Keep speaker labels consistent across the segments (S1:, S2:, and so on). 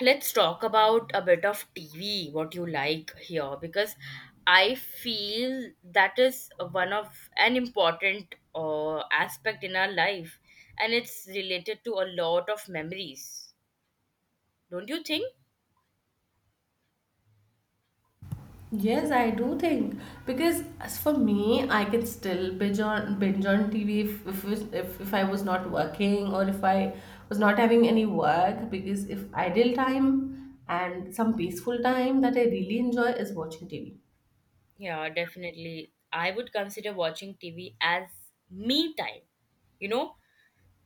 S1: Let's talk about a bit of TV, what you like here, because I feel that is one of an important aspect in our life, and it's related to a lot of memories. Don't you think?
S2: Yes, I do think because, as for me, I can still binge on TV if, it- if I was not working or if I was not having any work, because if idle time and some peaceful time that I really enjoy is watching TV.
S1: Yeah, definitely. I would consider watching TV as me time. You know,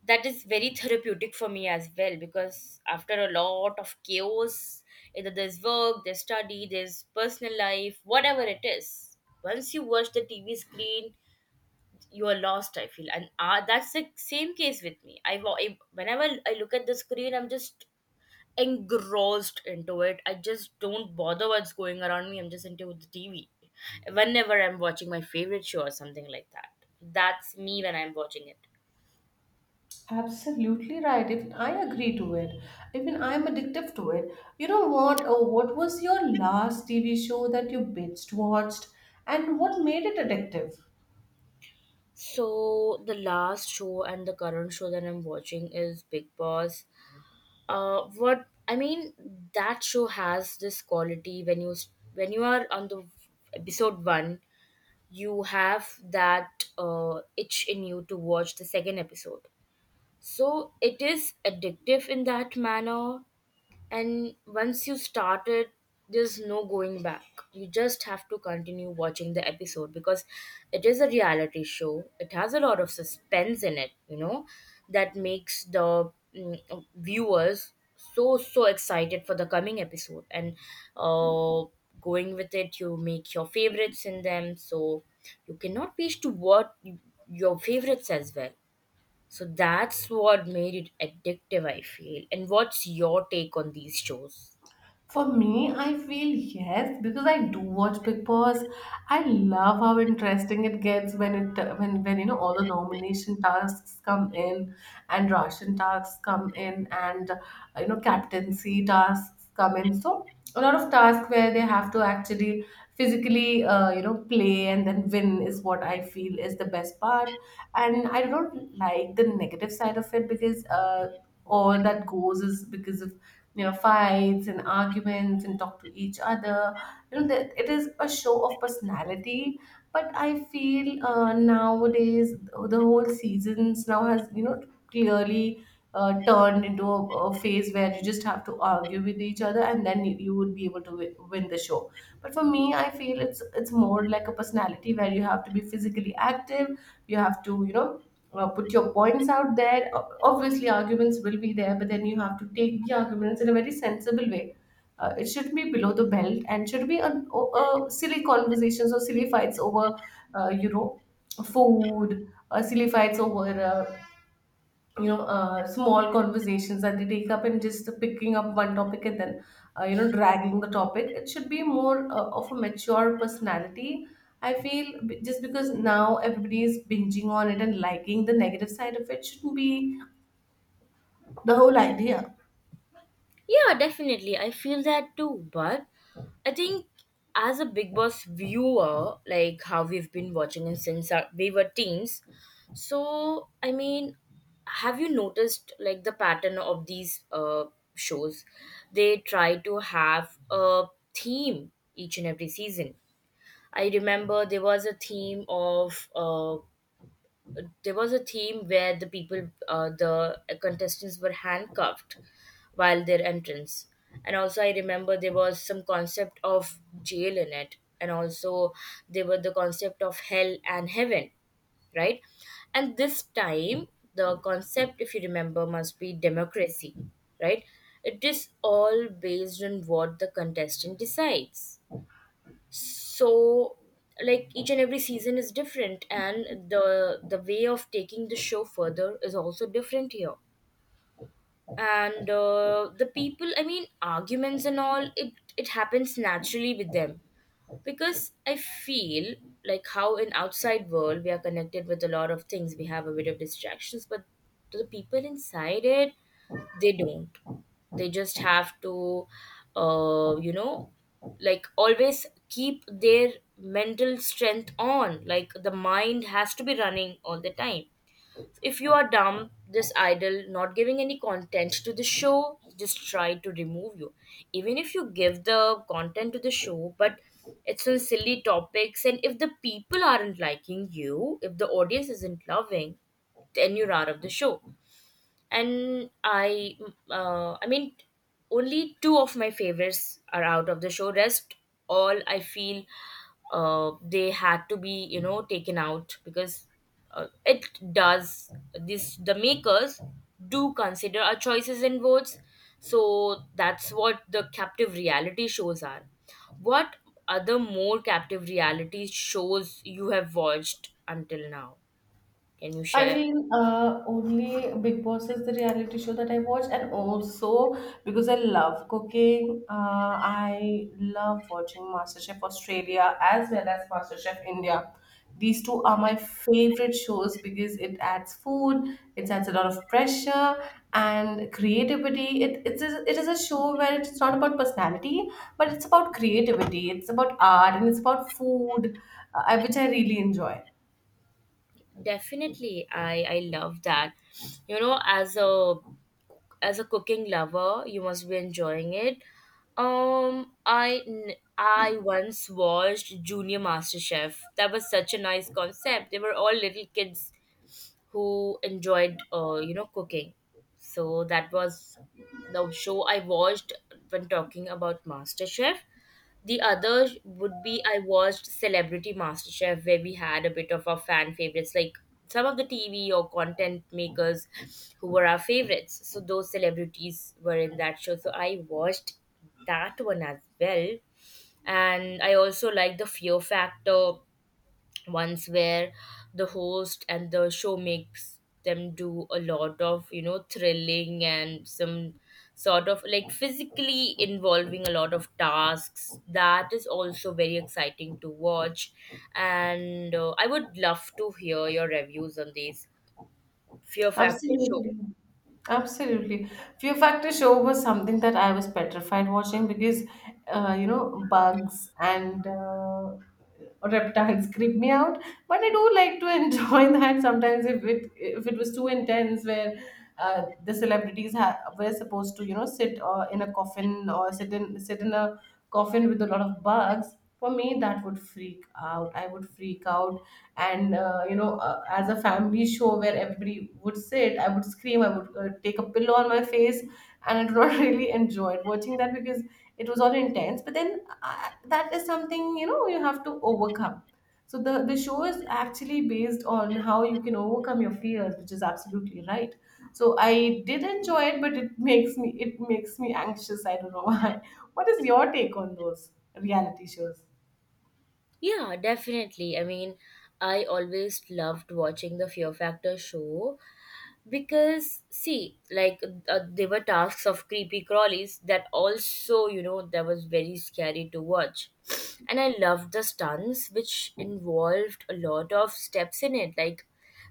S1: that is very therapeutic for me as well because after a lot of chaos, either there's work, there's study, there's personal life, whatever it is, once you watch the TV screen, you are lost, I feel. And that's the same case with me. I, whenever I look at the screen, I'm just engrossed into it. I just don't bother what's going around me, I'm just into the TV whenever I'm watching my favorite show or something like that. That's me when I'm watching it.
S2: Absolutely right. Even I agree to it. Even I'm addictive to it. You know what? Oh, what was your last TV show that you binged watched, and what made it addictive?
S1: So the last show and the current show that I'm watching is Big Boss. Uh, what I mean, that show has this quality: when when you are on the episode one, you have that itch in you to watch the second episode. So it is addictive in that manner, and once you started, there's no going back. You just have to continue watching the episode because it is a reality show, it has a lot of suspense in it, you know, that makes the viewers so excited for the coming episode. And uh, going with it, you make your favorites in them, so you cannot wish to what your favorites as well. So that's what made it addictive, I feel. And what's your take on these shows?
S2: For me, I feel yes, because I do watch Big Boss. I love how interesting it gets when it when you know all the nomination tasks come in and Russian tasks come in and you know captaincy tasks come in. So a lot of tasks where they have to actually physically you know play and then win is what I feel is the best part. And I don't like the negative side of it, because all that goes is because of you know fights and arguments and talk to each other, you know, that it is a show of personality. But I feel nowadays the whole seasons now has, you know, clearly turned into a phase where you just have to argue with each other, and then you would be able to win the show. But for me, I feel it's more like a personality where you have to be physically active. You have to, you know, put your points out there. Obviously, arguments will be there, but then you have to take the arguments in a very sensible way. It should not be below the belt, and should be on silly conversations or silly fights over, you know, food, or silly fights over you know small conversations that they take up, and just picking up one topic and then you know dragging the topic. It should be more of a mature personality, I feel, just because now everybody is binging on it and liking the negative side of it shouldn't be the whole idea.
S1: Yeah, definitely. I feel that too. But I think, as a Big Boss viewer, like how we've been watching it since our, we were teens, so I mean, have you noticed like the pattern of these shows? They try to have a theme each and every season. I remember there was a theme of there was a theme where the people, the contestants, were handcuffed while their entrance. And also I remember there was some concept of jail in it, and also there were the concept of hell and heaven, right? And this time the concept, if you remember, must be democracy, right? It is all based on what the contestant decides. So like each and every season is different, and the way of taking the show further is also different here. And the people, I mean, arguments and all, it happens naturally with them, because I feel, like how in outside world we are connected with a lot of things, we have a bit of distractions, but to the people inside it, they don't, they just have to, uh, you know like always keep their mental strength on, like the mind has to be running all the time. If you are dumb, this idle, not giving any content to the show, just try to remove you. Even if you give the content to the show, but it's on silly topics, and if the people aren't liking you, if the audience isn't loving, then you're out of the show. And I mean, only two of my favorites are out of the show. Rest all I feel they had to be, you know, taken out because it does this the makers do consider our choices and votes. So that's what the captive reality shows are. What other more captive reality shows you have watched until now? Can you
S2: I
S1: share?
S2: mean, only Big Boss is the reality show that I watch, and also because I love cooking, I love watching MasterChef Australia as well as MasterChef India. These two are my favorite shows because it adds food, it adds a lot of pressure and creativity. It is a show where it's not about personality, but it's about creativity, it's about art, and it's about food, which I really enjoy.
S1: Definitely, I love that. You know, as a cooking lover, you must be enjoying it. I once watched Junior Master Chef. That was such a nice concept. They were all little kids who enjoyed, you know, cooking. So that was the show I watched when talking about Master Chef. The other would be I watched Celebrity MasterChef, where we had a bit of our fan favorites, like some of the TV or content makers who were our favorites. So those celebrities were in that show. So I watched that one as well. And I also like the Fear Factor ones, where the host and the show makes them do a lot of, you know, thrilling and some sort of like physically involving a lot of tasks. That is also very exciting to watch. And I would love to hear your reviews on these Fear Factor show.
S2: Absolutely. Absolutely. Fear Factor show was something that I was petrified watching, because you know, bugs and reptiles creep me out. But I do like to enjoy that sometimes. If it was too intense, where the celebrities were supposed to, you know, sit in a coffin, or sit in a coffin with a lot of bugs. For me, that would freak out. I would freak out. And you know as a family show where everybody would sit, I would scream, I would, take a pillow on my face, and I do not really enjoyed watching that, because it was all intense. But then that is something, you know, you have to overcome. So the show is actually based on how you can overcome your fears, which is absolutely right. So I did enjoy it, but it makes me, it makes me anxious. I don't know why. What is your take on those reality shows?
S1: Yeah, definitely, I mean, I always loved watching the Fear Factor show because, see, like there were tasks of creepy crawlies that also, you know, that was very scary to watch. And I loved the stunts which involved a lot of steps in it, like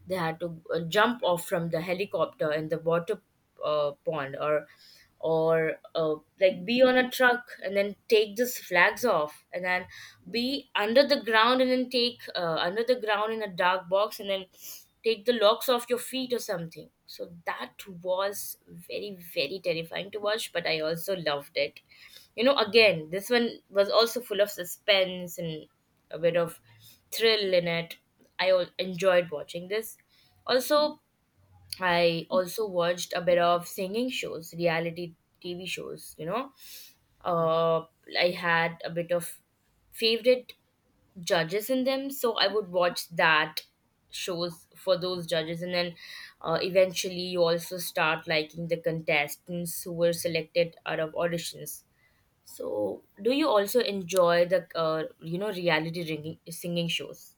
S1: they had to jump off from the helicopter in the water pond, or like be on a truck and then take these flags off, and then be under the ground, and then take under the ground in a dark box, and then take the locks off your feet or something. So that was very, very terrifying to watch, but I also loved it. You know, again, this one was also full of suspense and a bit of thrill in it. Enjoyed watching this. Also, I also watched a bit of singing shows, reality TV shows, you know. Uh, I had a bit of favorite judges in them, so I would watch that shows for those judges. And then eventually you also start liking the contestants who were selected out of auditions. So do you also enjoy the reality ringing, singing shows?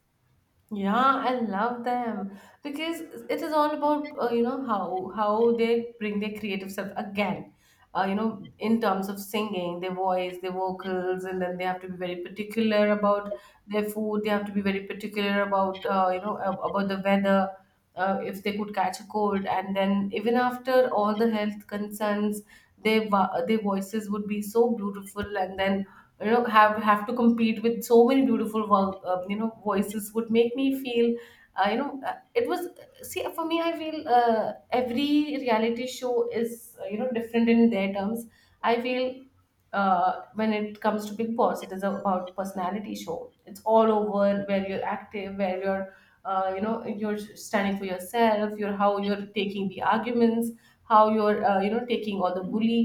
S2: Yeah, I love them, because it is all about you know how they bring their creative self again. You know, in terms of singing, their voice, their vocals, and then they have to be very particular about their food. They have to be very particular about you know about the weather. If they could catch a cold, and then even after all the health concerns, their their voices would be so beautiful, and then you know have to compete with so many beautiful you know voices would make me feel you know it was. See, for me, I feel every reality show is you know different in their terms, I feel. When it comes to Big Boss, it is about personality show, it's all over, where you're active, where you're you know you're standing for yourself, you're how you're taking the arguments, how you're you know taking all the bully,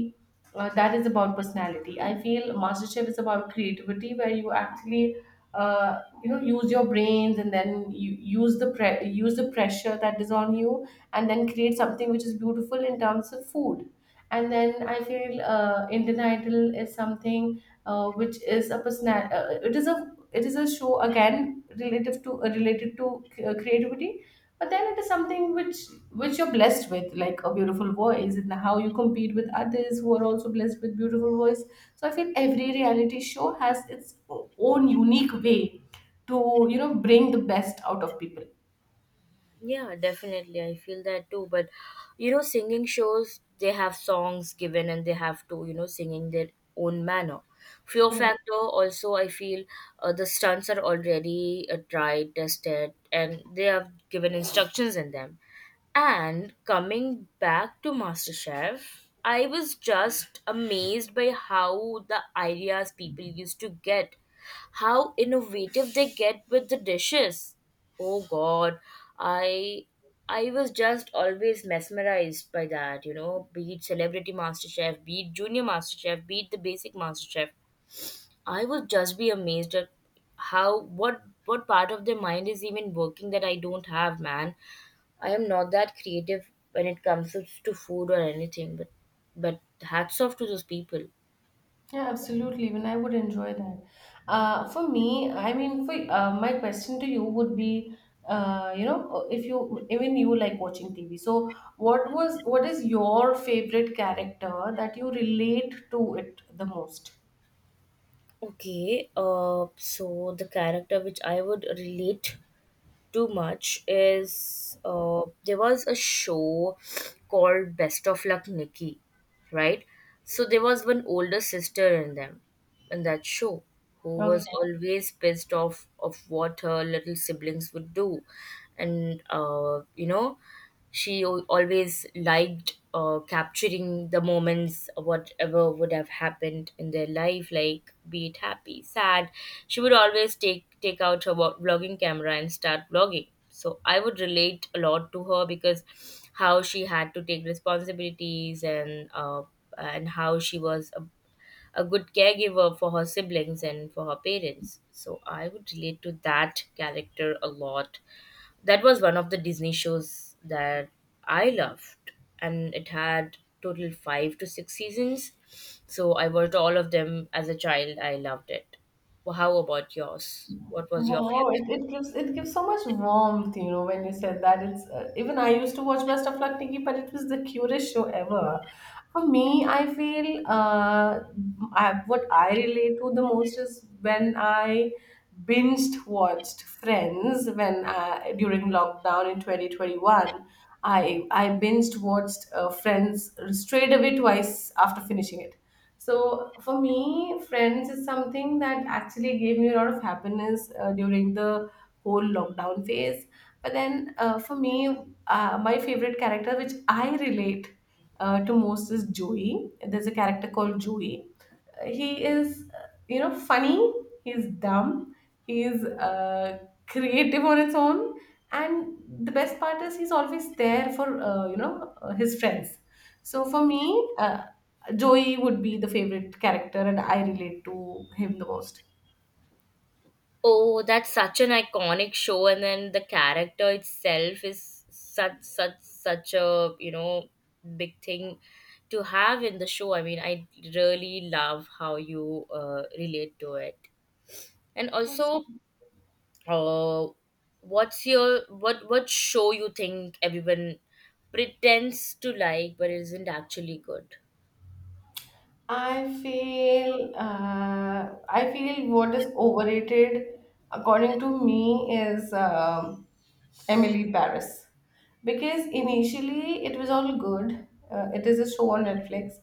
S2: that is about personality. I feel MasterChef is about creativity, where you actually, you know, use your brains and then you use the use the pressure that is on you, and then create something which is beautiful in terms of food. And then I feel Indian Idol is something which is a personal. It is a it is a show again relative to related to creativity, but then it is something which you're blessed with, like a beautiful voice, and how you compete with others who are also blessed with beautiful voice. So I feel every reality show has its own unique way to you know bring the best out of people.
S1: Yeah, definitely. I feel that too. But you know, singing shows, they have songs given, and they have to, you know, singing their own manner. Fear
S2: Correct.
S1: factor also, I feel the stunts are already, tried, tested, and they have given instructions in them. And coming back to MasterChef, I was just amazed by how the ideas people used to get, how innovative they get with the dishes. Oh god, I I was just always mesmerized by that, you know, be it Celebrity Master Chef, be it Junior Master Chef, be it the basic Master Chef. I would just be amazed at how what part of their mind is even working that I don't have, man. I am not that creative when it comes to food or anything, but hats off to those people.
S2: Yeah, absolutely. Even I would enjoy that. For me, I mean, for my question to you would be, you know, if you even you like watching TV, so what is your favorite character that you relate to it the most?
S1: Okay, so the character which I would relate to much is, there was a show called Best of Luck Nikki, right? So there was one older sister in them, in that show, who was
S2: Okay.
S1: always pissed off of what her little siblings would do. And she always liked, capturing the moments, whatever would have happened in their life, like be it happy, sad. She would always take out her vlogging camera and start vlogging. So I would relate a lot to her because how she had to take responsibilities, and how she was a good caregiver for her siblings and for her parents. So I would relate to that character a lot. That was one of the Disney shows that I loved, and it had total five to six seasons. So I watched all of them as a child. I loved it. Well, how about yours? What was your
S2: Wow,
S1: favorite?
S2: it gives so much warmth, you know, when you said that. It's even I used to watch Best of Luck Nikki, but it was the cutest show ever. For me, I feel what I relate to the most is when I binged watched Friends when I, during lockdown in 2021. I binged watched Friends straight away twice after finishing it. So for me, Friends is something that actually gave me a lot of happiness during the whole lockdown phase. But then for me, my favorite character, which I relate to most, is Joey. There's a character called Joey. He is, you know, funny, he's dumb, he's creative on its own, and the best part is he's always there for you know his friends. So for me, uh, Joey would be the favorite character, and I relate to him the most.
S1: Oh, that's such an iconic show, and then the character itself is such such a, you know, big thing to have in the show. I mean, I really love how you, relate to it. And also, uh, what's your what show you think everyone pretends to like but isn't actually good?
S2: I feel I feel what is overrated, according to me, is Emily Paris, because initially it was all good. It is a show on Netflix.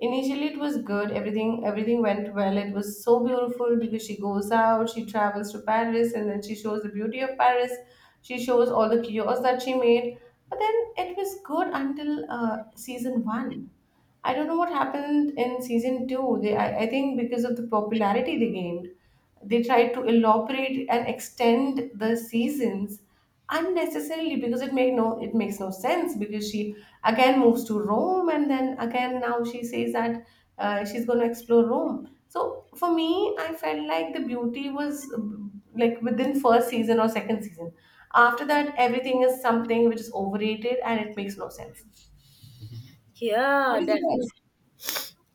S2: Initially, it was good. Everything went well. It was so beautiful, because she goes out, she travels to Paris, and then she shows the beauty of Paris. She shows all the kiosks that she made. But then it was good until season one. I don't know what happened in season two. I think because of the popularity they gained, they tried to elaborate and extend the seasons unnecessarily, because it made no it makes no sense, because she again moves to Rome, and then again now she says that she's going to explore Rome. So for me, I felt like the beauty was like within first season or second season. After that, everything is something which is overrated, and it makes no sense.
S1: Yeah,
S2: What is
S1: definitely,
S2: yours?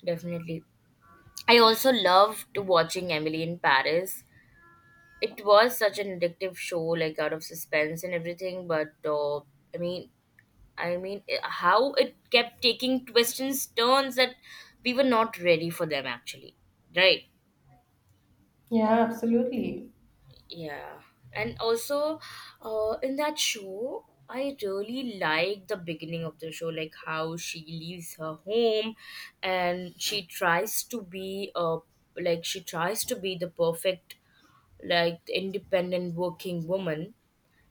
S1: definitely. I also loved watching Emily in Paris. It was such an addictive show, like out of suspense and everything. But how it kept taking twists and turns that we were not ready for them, actually. Right?
S2: Yeah, absolutely.
S1: Yeah. And also, in that show, I really like the beginning of the show, like how she leaves her home and she tries to be the perfect, like, independent working woman.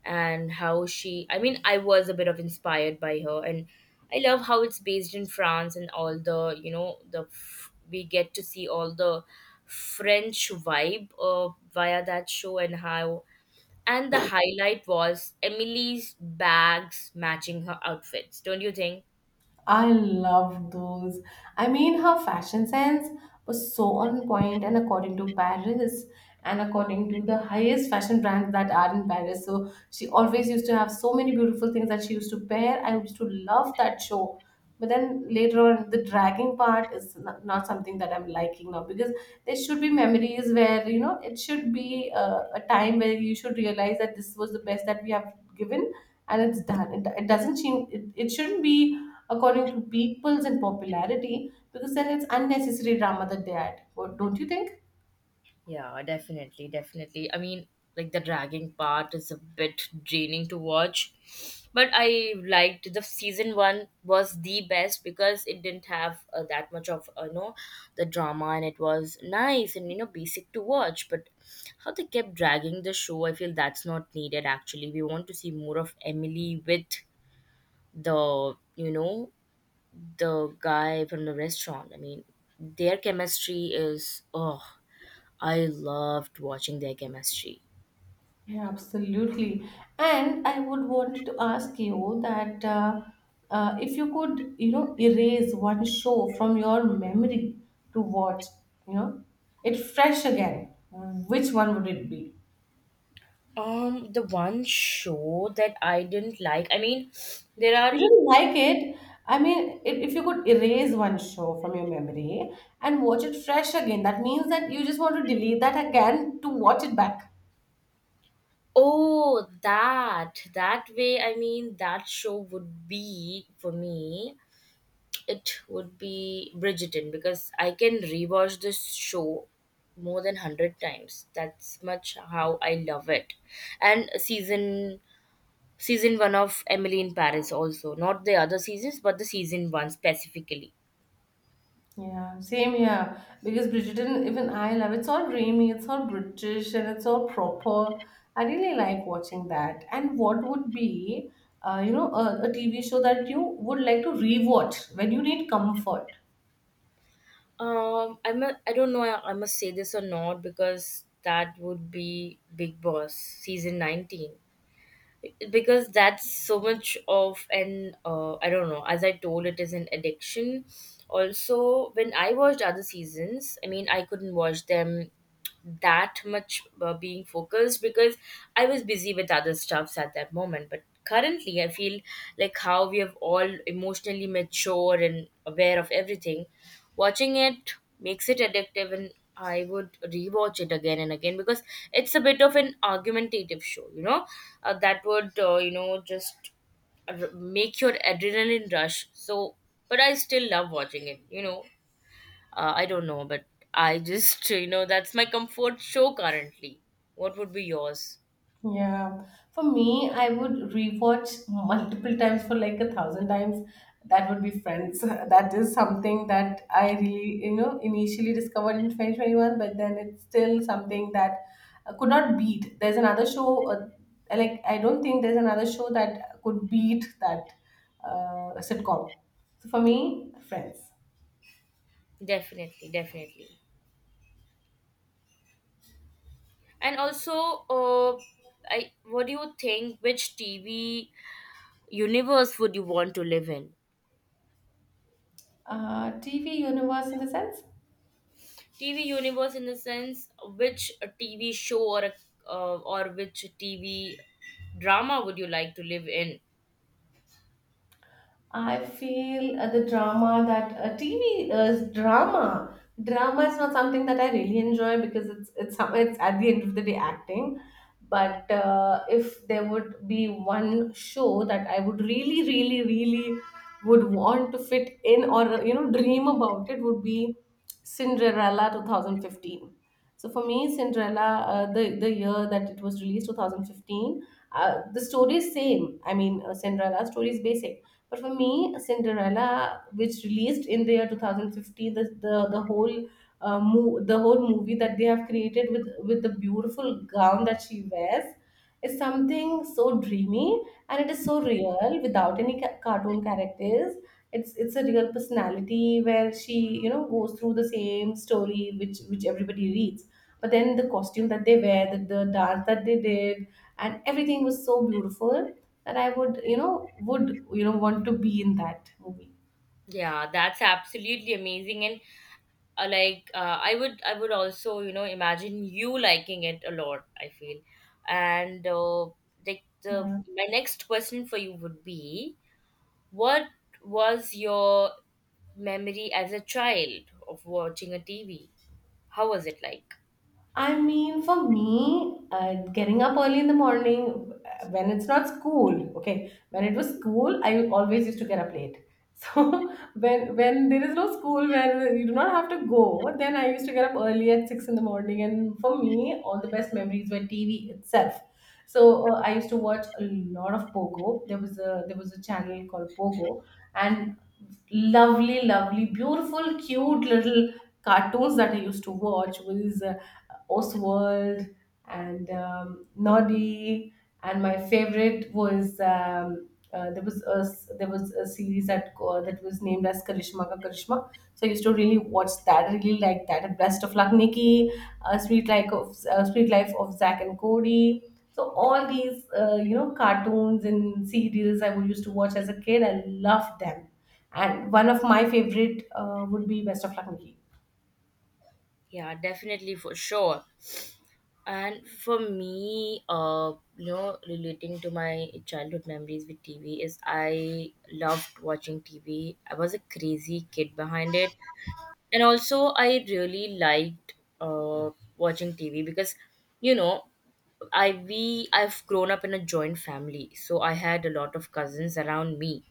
S1: And how she I mean I was a bit of inspired by her. And I love how it's based in France and all the, you know, we get to see all the French vibe via that show. And how, and the highlight was Emily's bags matching her outfits, don't you think?
S2: I love those. I mean, her fashion sense was so on point, and according to Paris, and according to the highest fashion brands that are in Paris, so she always used to have so many beautiful things that she used to wear. I used to love that show. But then later on, the dragging part is not something that I'm liking now, because there should be memories where, you know, it should be a time where you should realize that this was the best that we have given, and it's done. It doesn't seem, it shouldn't be according to people's and popularity, because then it's unnecessary drama that they add. What don't you think?
S1: Yeah, definitely, definitely. I mean, like the dragging part is a bit draining to watch, but I liked the season one was the best because it didn't have that much of, you know, the drama, and it was nice and, you know, basic to watch. But how they kept dragging the show, I feel that's not needed actually. We want to see more of Emily with the the guy from the restaurant. I mean, their chemistry is oh. I loved watching their chemistry.
S2: Yeah, absolutely. And I would want to ask you that if you could, you know, erase one show from your memory to watch, you know, it fresh again, which one would it be?
S1: The one show that I didn't like. I mean, there
S2: You
S1: are
S2: didn't like it. I mean, if you could erase one show from your memory and watch it fresh again, that means that you just want to delete that again to watch it back.
S1: oh that that way. I mean, that show would be for me. It would be Bridgerton because I can rewatch this show more than hundred times. That's much how I love it. And season one of Emily in Paris also, not the other seasons, but the season one specifically.
S2: Yeah, same here. Because Bridgerton, even I love, it's all dreamy, it's all British, and it's all proper. I really like watching that. And what would be, you know, a TV show that you would like to rewatch when you need comfort?
S1: I don't know. I must say this or not because that would be Big Boss season 19. Because that's so much of an I don't know. As I told, it is an addiction. Also, when I watched other seasons, I mean, I couldn't watch them that much being focused because I was busy with other stuffs at that moment. But currently, I feel like how we have all emotionally mature and aware of everything. Watching it makes it addictive, and I would rewatch it again and again because it's a bit of an argumentative show, you know, that would, you know, just make your adrenaline rush. So, but I still love watching it. I don't know, but I just, that's my comfort show currently. What would be yours?
S2: Yeah, for me, I would rewatch multiple times for like a 1,000 times. That would be Friends. That is something that I really, you know, initially discovered in 2021, but then it's still something that I could not beat. There's another show, like, I don't think there's another show that could beat that sitcom. So for me, Friends.
S1: Definitely, definitely. And also, uh, I what do you think? Which TV universe would you want to live in?
S2: TV universe in the sense?
S1: TV universe in the sense which a TV show or or which TV drama would you like to live in?
S2: I feel the drama that TV is drama. Drama is not something that I really enjoy because it's at the end of the day acting. But if there would be one show that I would really, really, really would want to fit in or you know dream about it would be Cinderella 2015. So for me, Cinderella, the year that it was released, 2015, the story is same. I mean, Cinderella story is basic but for me, Cinderella, which released in the year 2015, the whole the whole movie that they have created with the beautiful gown that she wears is something so dreamy and it is so real without any cartoon characters. It's a real personality where she you know goes through the same story which everybody reads. But then the costume that they wear, the dance that they did, and everything was so beautiful that I would, you know, want to be in that movie.
S1: Yeah, that's absolutely amazing and I would also imagine you liking it a lot. I feel and like the
S2: Yeah.
S1: my next question for you would be what was your memory as a child of watching a TV? How was it like?
S2: I mean, for me, getting up early in the morning when it's not school, okay, when it was school, I always used to get up late. So when there is no school where you do not have to go, then I used to get up early at 6 in the morning. And for me, all the best memories were TV itself. So I used to watch a lot of Pogo. There was a channel called Pogo, and lovely, lovely, beautiful, cute little cartoons that I used to watch was Oswald, and Noddy. And my favorite was there was there was a series that that was named as Karishma Ka Karishma. So I used to really watch that. I really like that. And Best of Luck, Nikki. A Sweet Life of Zack and Cody. So all these you know cartoons and serials I would used to watch as a kid. I loved them. And one of my favorite would be Best of Luck, Nikki.
S1: Yeah, definitely for sure. And for me, relating to my childhood memories with TV is I loved watching TV. I was a crazy kid behind it, and also I really liked uh, watching TV because, you know, I've grown up in a joint family, so I had a lot of cousins around me.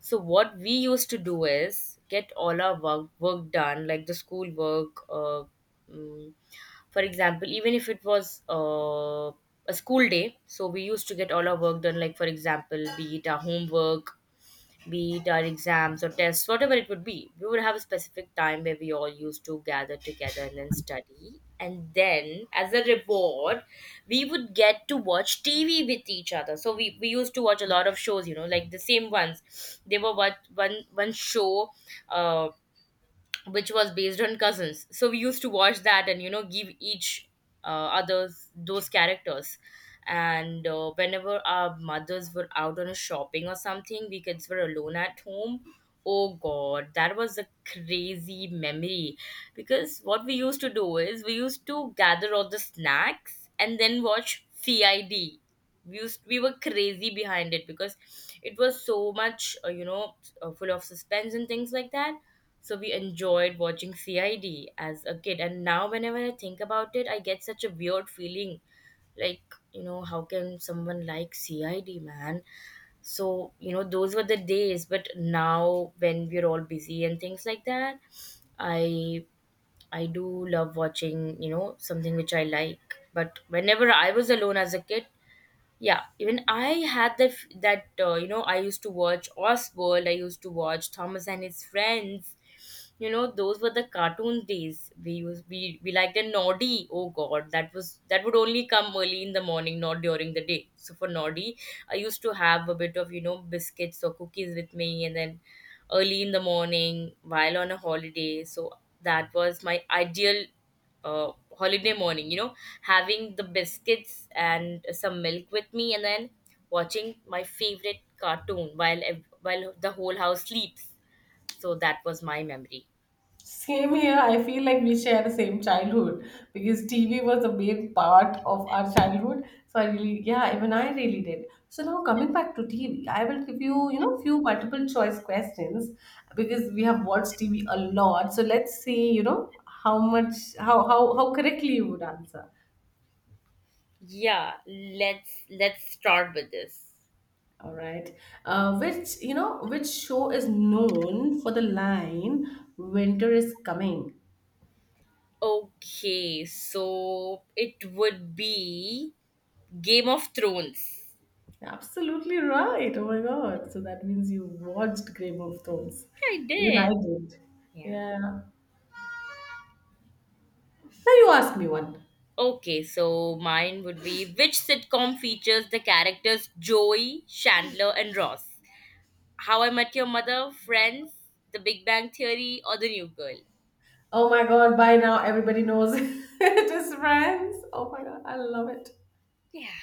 S1: So what we used to do is get all our work done, like the school work, mm, for example, even if it was a school day, so we used to get all our work done, like for example, be it our homework, be it our exams or tests, whatever it would be. We would have a specific time where we all used to gather together and then study. And then, as a reward, we would get to watch TV with each other. So we used to watch a lot of shows, you know, like the same ones. There were what one show. Uh, which was based on cousins, so we used to watch that and give each uh, others those characters. And whenever our mothers were out on a shopping or something, we kids were alone at home. Oh god, that was a crazy memory because what we used to do is we used to gather all the snacks and then watch CID. We were crazy behind it because it was so much full of suspense and things like that, so we enjoyed watching CID as a kid. And now, whenever I think about it, I get such a weird feeling like, you know, how can someone like CID, man? So, you know, those were the days. But now, when we're all busy and things like that, I. I do love watching, you know, something which I like. But whenever I was alone as a kid, yeah, even I had that I used to watch Oswald. I used to watch Thomas and his friends. You know, those were the cartoon days. We used We liked a Noddy. Oh God, that was that would only come early in the morning, not during the day. So for Noddy, I used to have a bit of biscuits or cookies with me, and then early in the morning while on a holiday. So that was my ideal uh, holiday morning. You know, having the biscuits and some milk with me, and then watching my favorite cartoon while the whole house sleeps. So that was my memory.
S2: Same here. I feel like we share the same childhood because TV was a main part of our childhood. So I really, yeah, even I really did. So now coming back to TV, I will give you, you know, few multiple choice questions because we have watched TV a lot. So let's see, you know, how much, how correctly you would answer.
S1: Yeah, let's start with this.
S2: All right. Which you know, which show is known for the line "Winter is coming"?
S1: Okay, so it would be Game of Thrones.
S2: Absolutely right. Oh my god. So that means you watched Game of Thrones.
S1: I
S2: Even
S1: did.
S2: I did.
S1: Yeah.
S2: Yeah. Now you ask me one.
S1: Okay, so mine would be which sitcom features the characters Joey, Chandler, and Ross? How I Met Your Mother, Friends, The Big Bang Theory, or The New Girl?
S2: Oh my god, by now everybody knows it is friends. Oh my god, I love it.
S1: Yeah.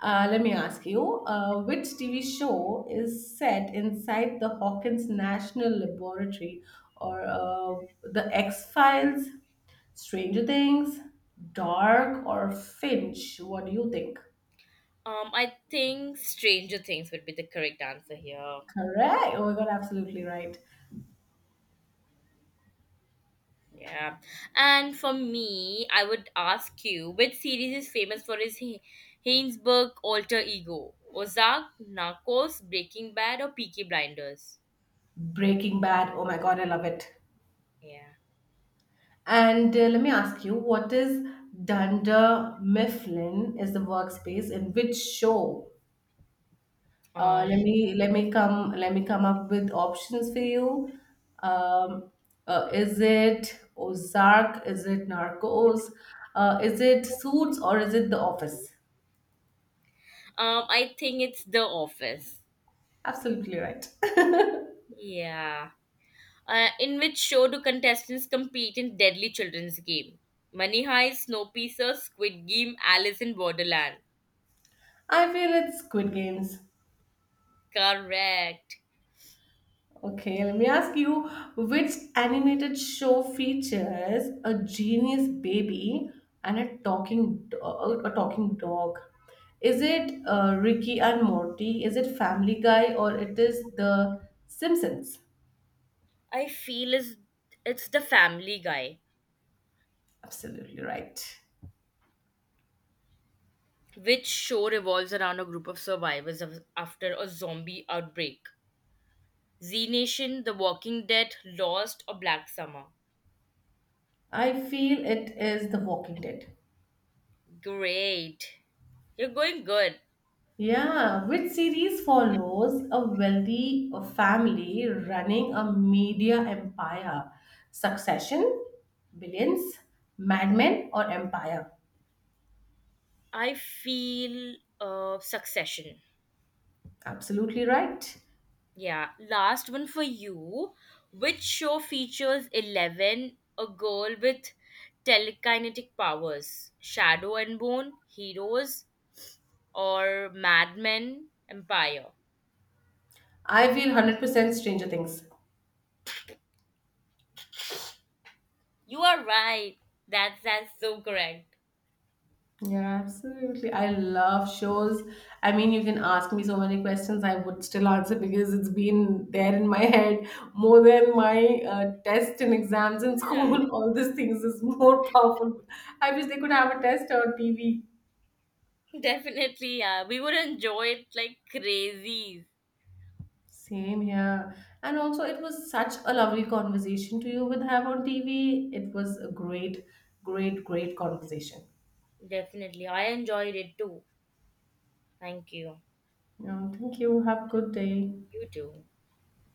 S2: Let me ask you, which TV show is set inside the Hawkins National Laboratory or the X Files, Stranger Things, Dark, or Finch? What do you think?
S1: I think Stranger Things would be the correct answer here.
S2: Correct. Oh my god, absolutely right.
S1: Yeah. And for me, I would ask you which series is famous for its Hainsburg alter ego? Ozark, Narcos, Breaking Bad, or Peaky Blinders?
S2: Breaking Bad. Oh my God, I love it.
S1: Yeah.
S2: And let me ask you, what is Dunder Mifflin is the workspace in which show?
S1: Um,
S2: Let me come up with options for you. Um, is it Ozark? Is it Narcos? Is it Suits or is it The Office?
S1: I think it's The Office.
S2: Absolutely right.
S1: Yeah. In which show do contestants compete in deadly children's game? Money Heist, Snowpiercer, Squid Game, Alice in Borderland.
S2: I feel it's Squid Games.
S1: Correct.
S2: Okay, let me ask you which animated show features a genius baby and a a talking dog? Is it Ricky and Morty? Is it Family Guy or it is The Simpsons?
S1: I feel is it's the Family Guy.
S2: Absolutely right.
S1: Which show revolves around a group of survivors after a zombie outbreak. Z Nation, The Walking Dead, Lost, or Black Summer.
S2: I feel it is The Walking Dead.
S1: Great. You're going good.
S2: Yeah, which series follows a wealthy family running a media empire? Succession, Billions, Mad Men, or Empire?
S1: I feel Succession.
S2: Absolutely right.
S1: Yeah. Last one for you. Which show features 11, a girl with telekinetic powers? Shadow and Bone, Heroes, or Mad Men, Empire?
S2: I feel 100% Stranger Things.
S1: You are right. That's so correct.
S2: Yeah, absolutely. I love shows. I mean, you can ask me so many questions, I would still answer because it's been there in my head more than my tests and exams in
S1: Yeah.
S2: school. All these things is more powerful. I wish they could have a test on TV.
S1: Definitely, yeah. We would enjoy it like crazies.
S2: Same here. And also, it was such a lovely conversation to you with have on TV. It was a great, great, great conversation.
S1: Definitely. I enjoyed it too. Thank you.
S2: Yeah. Thank you. Have a good day.
S1: You too.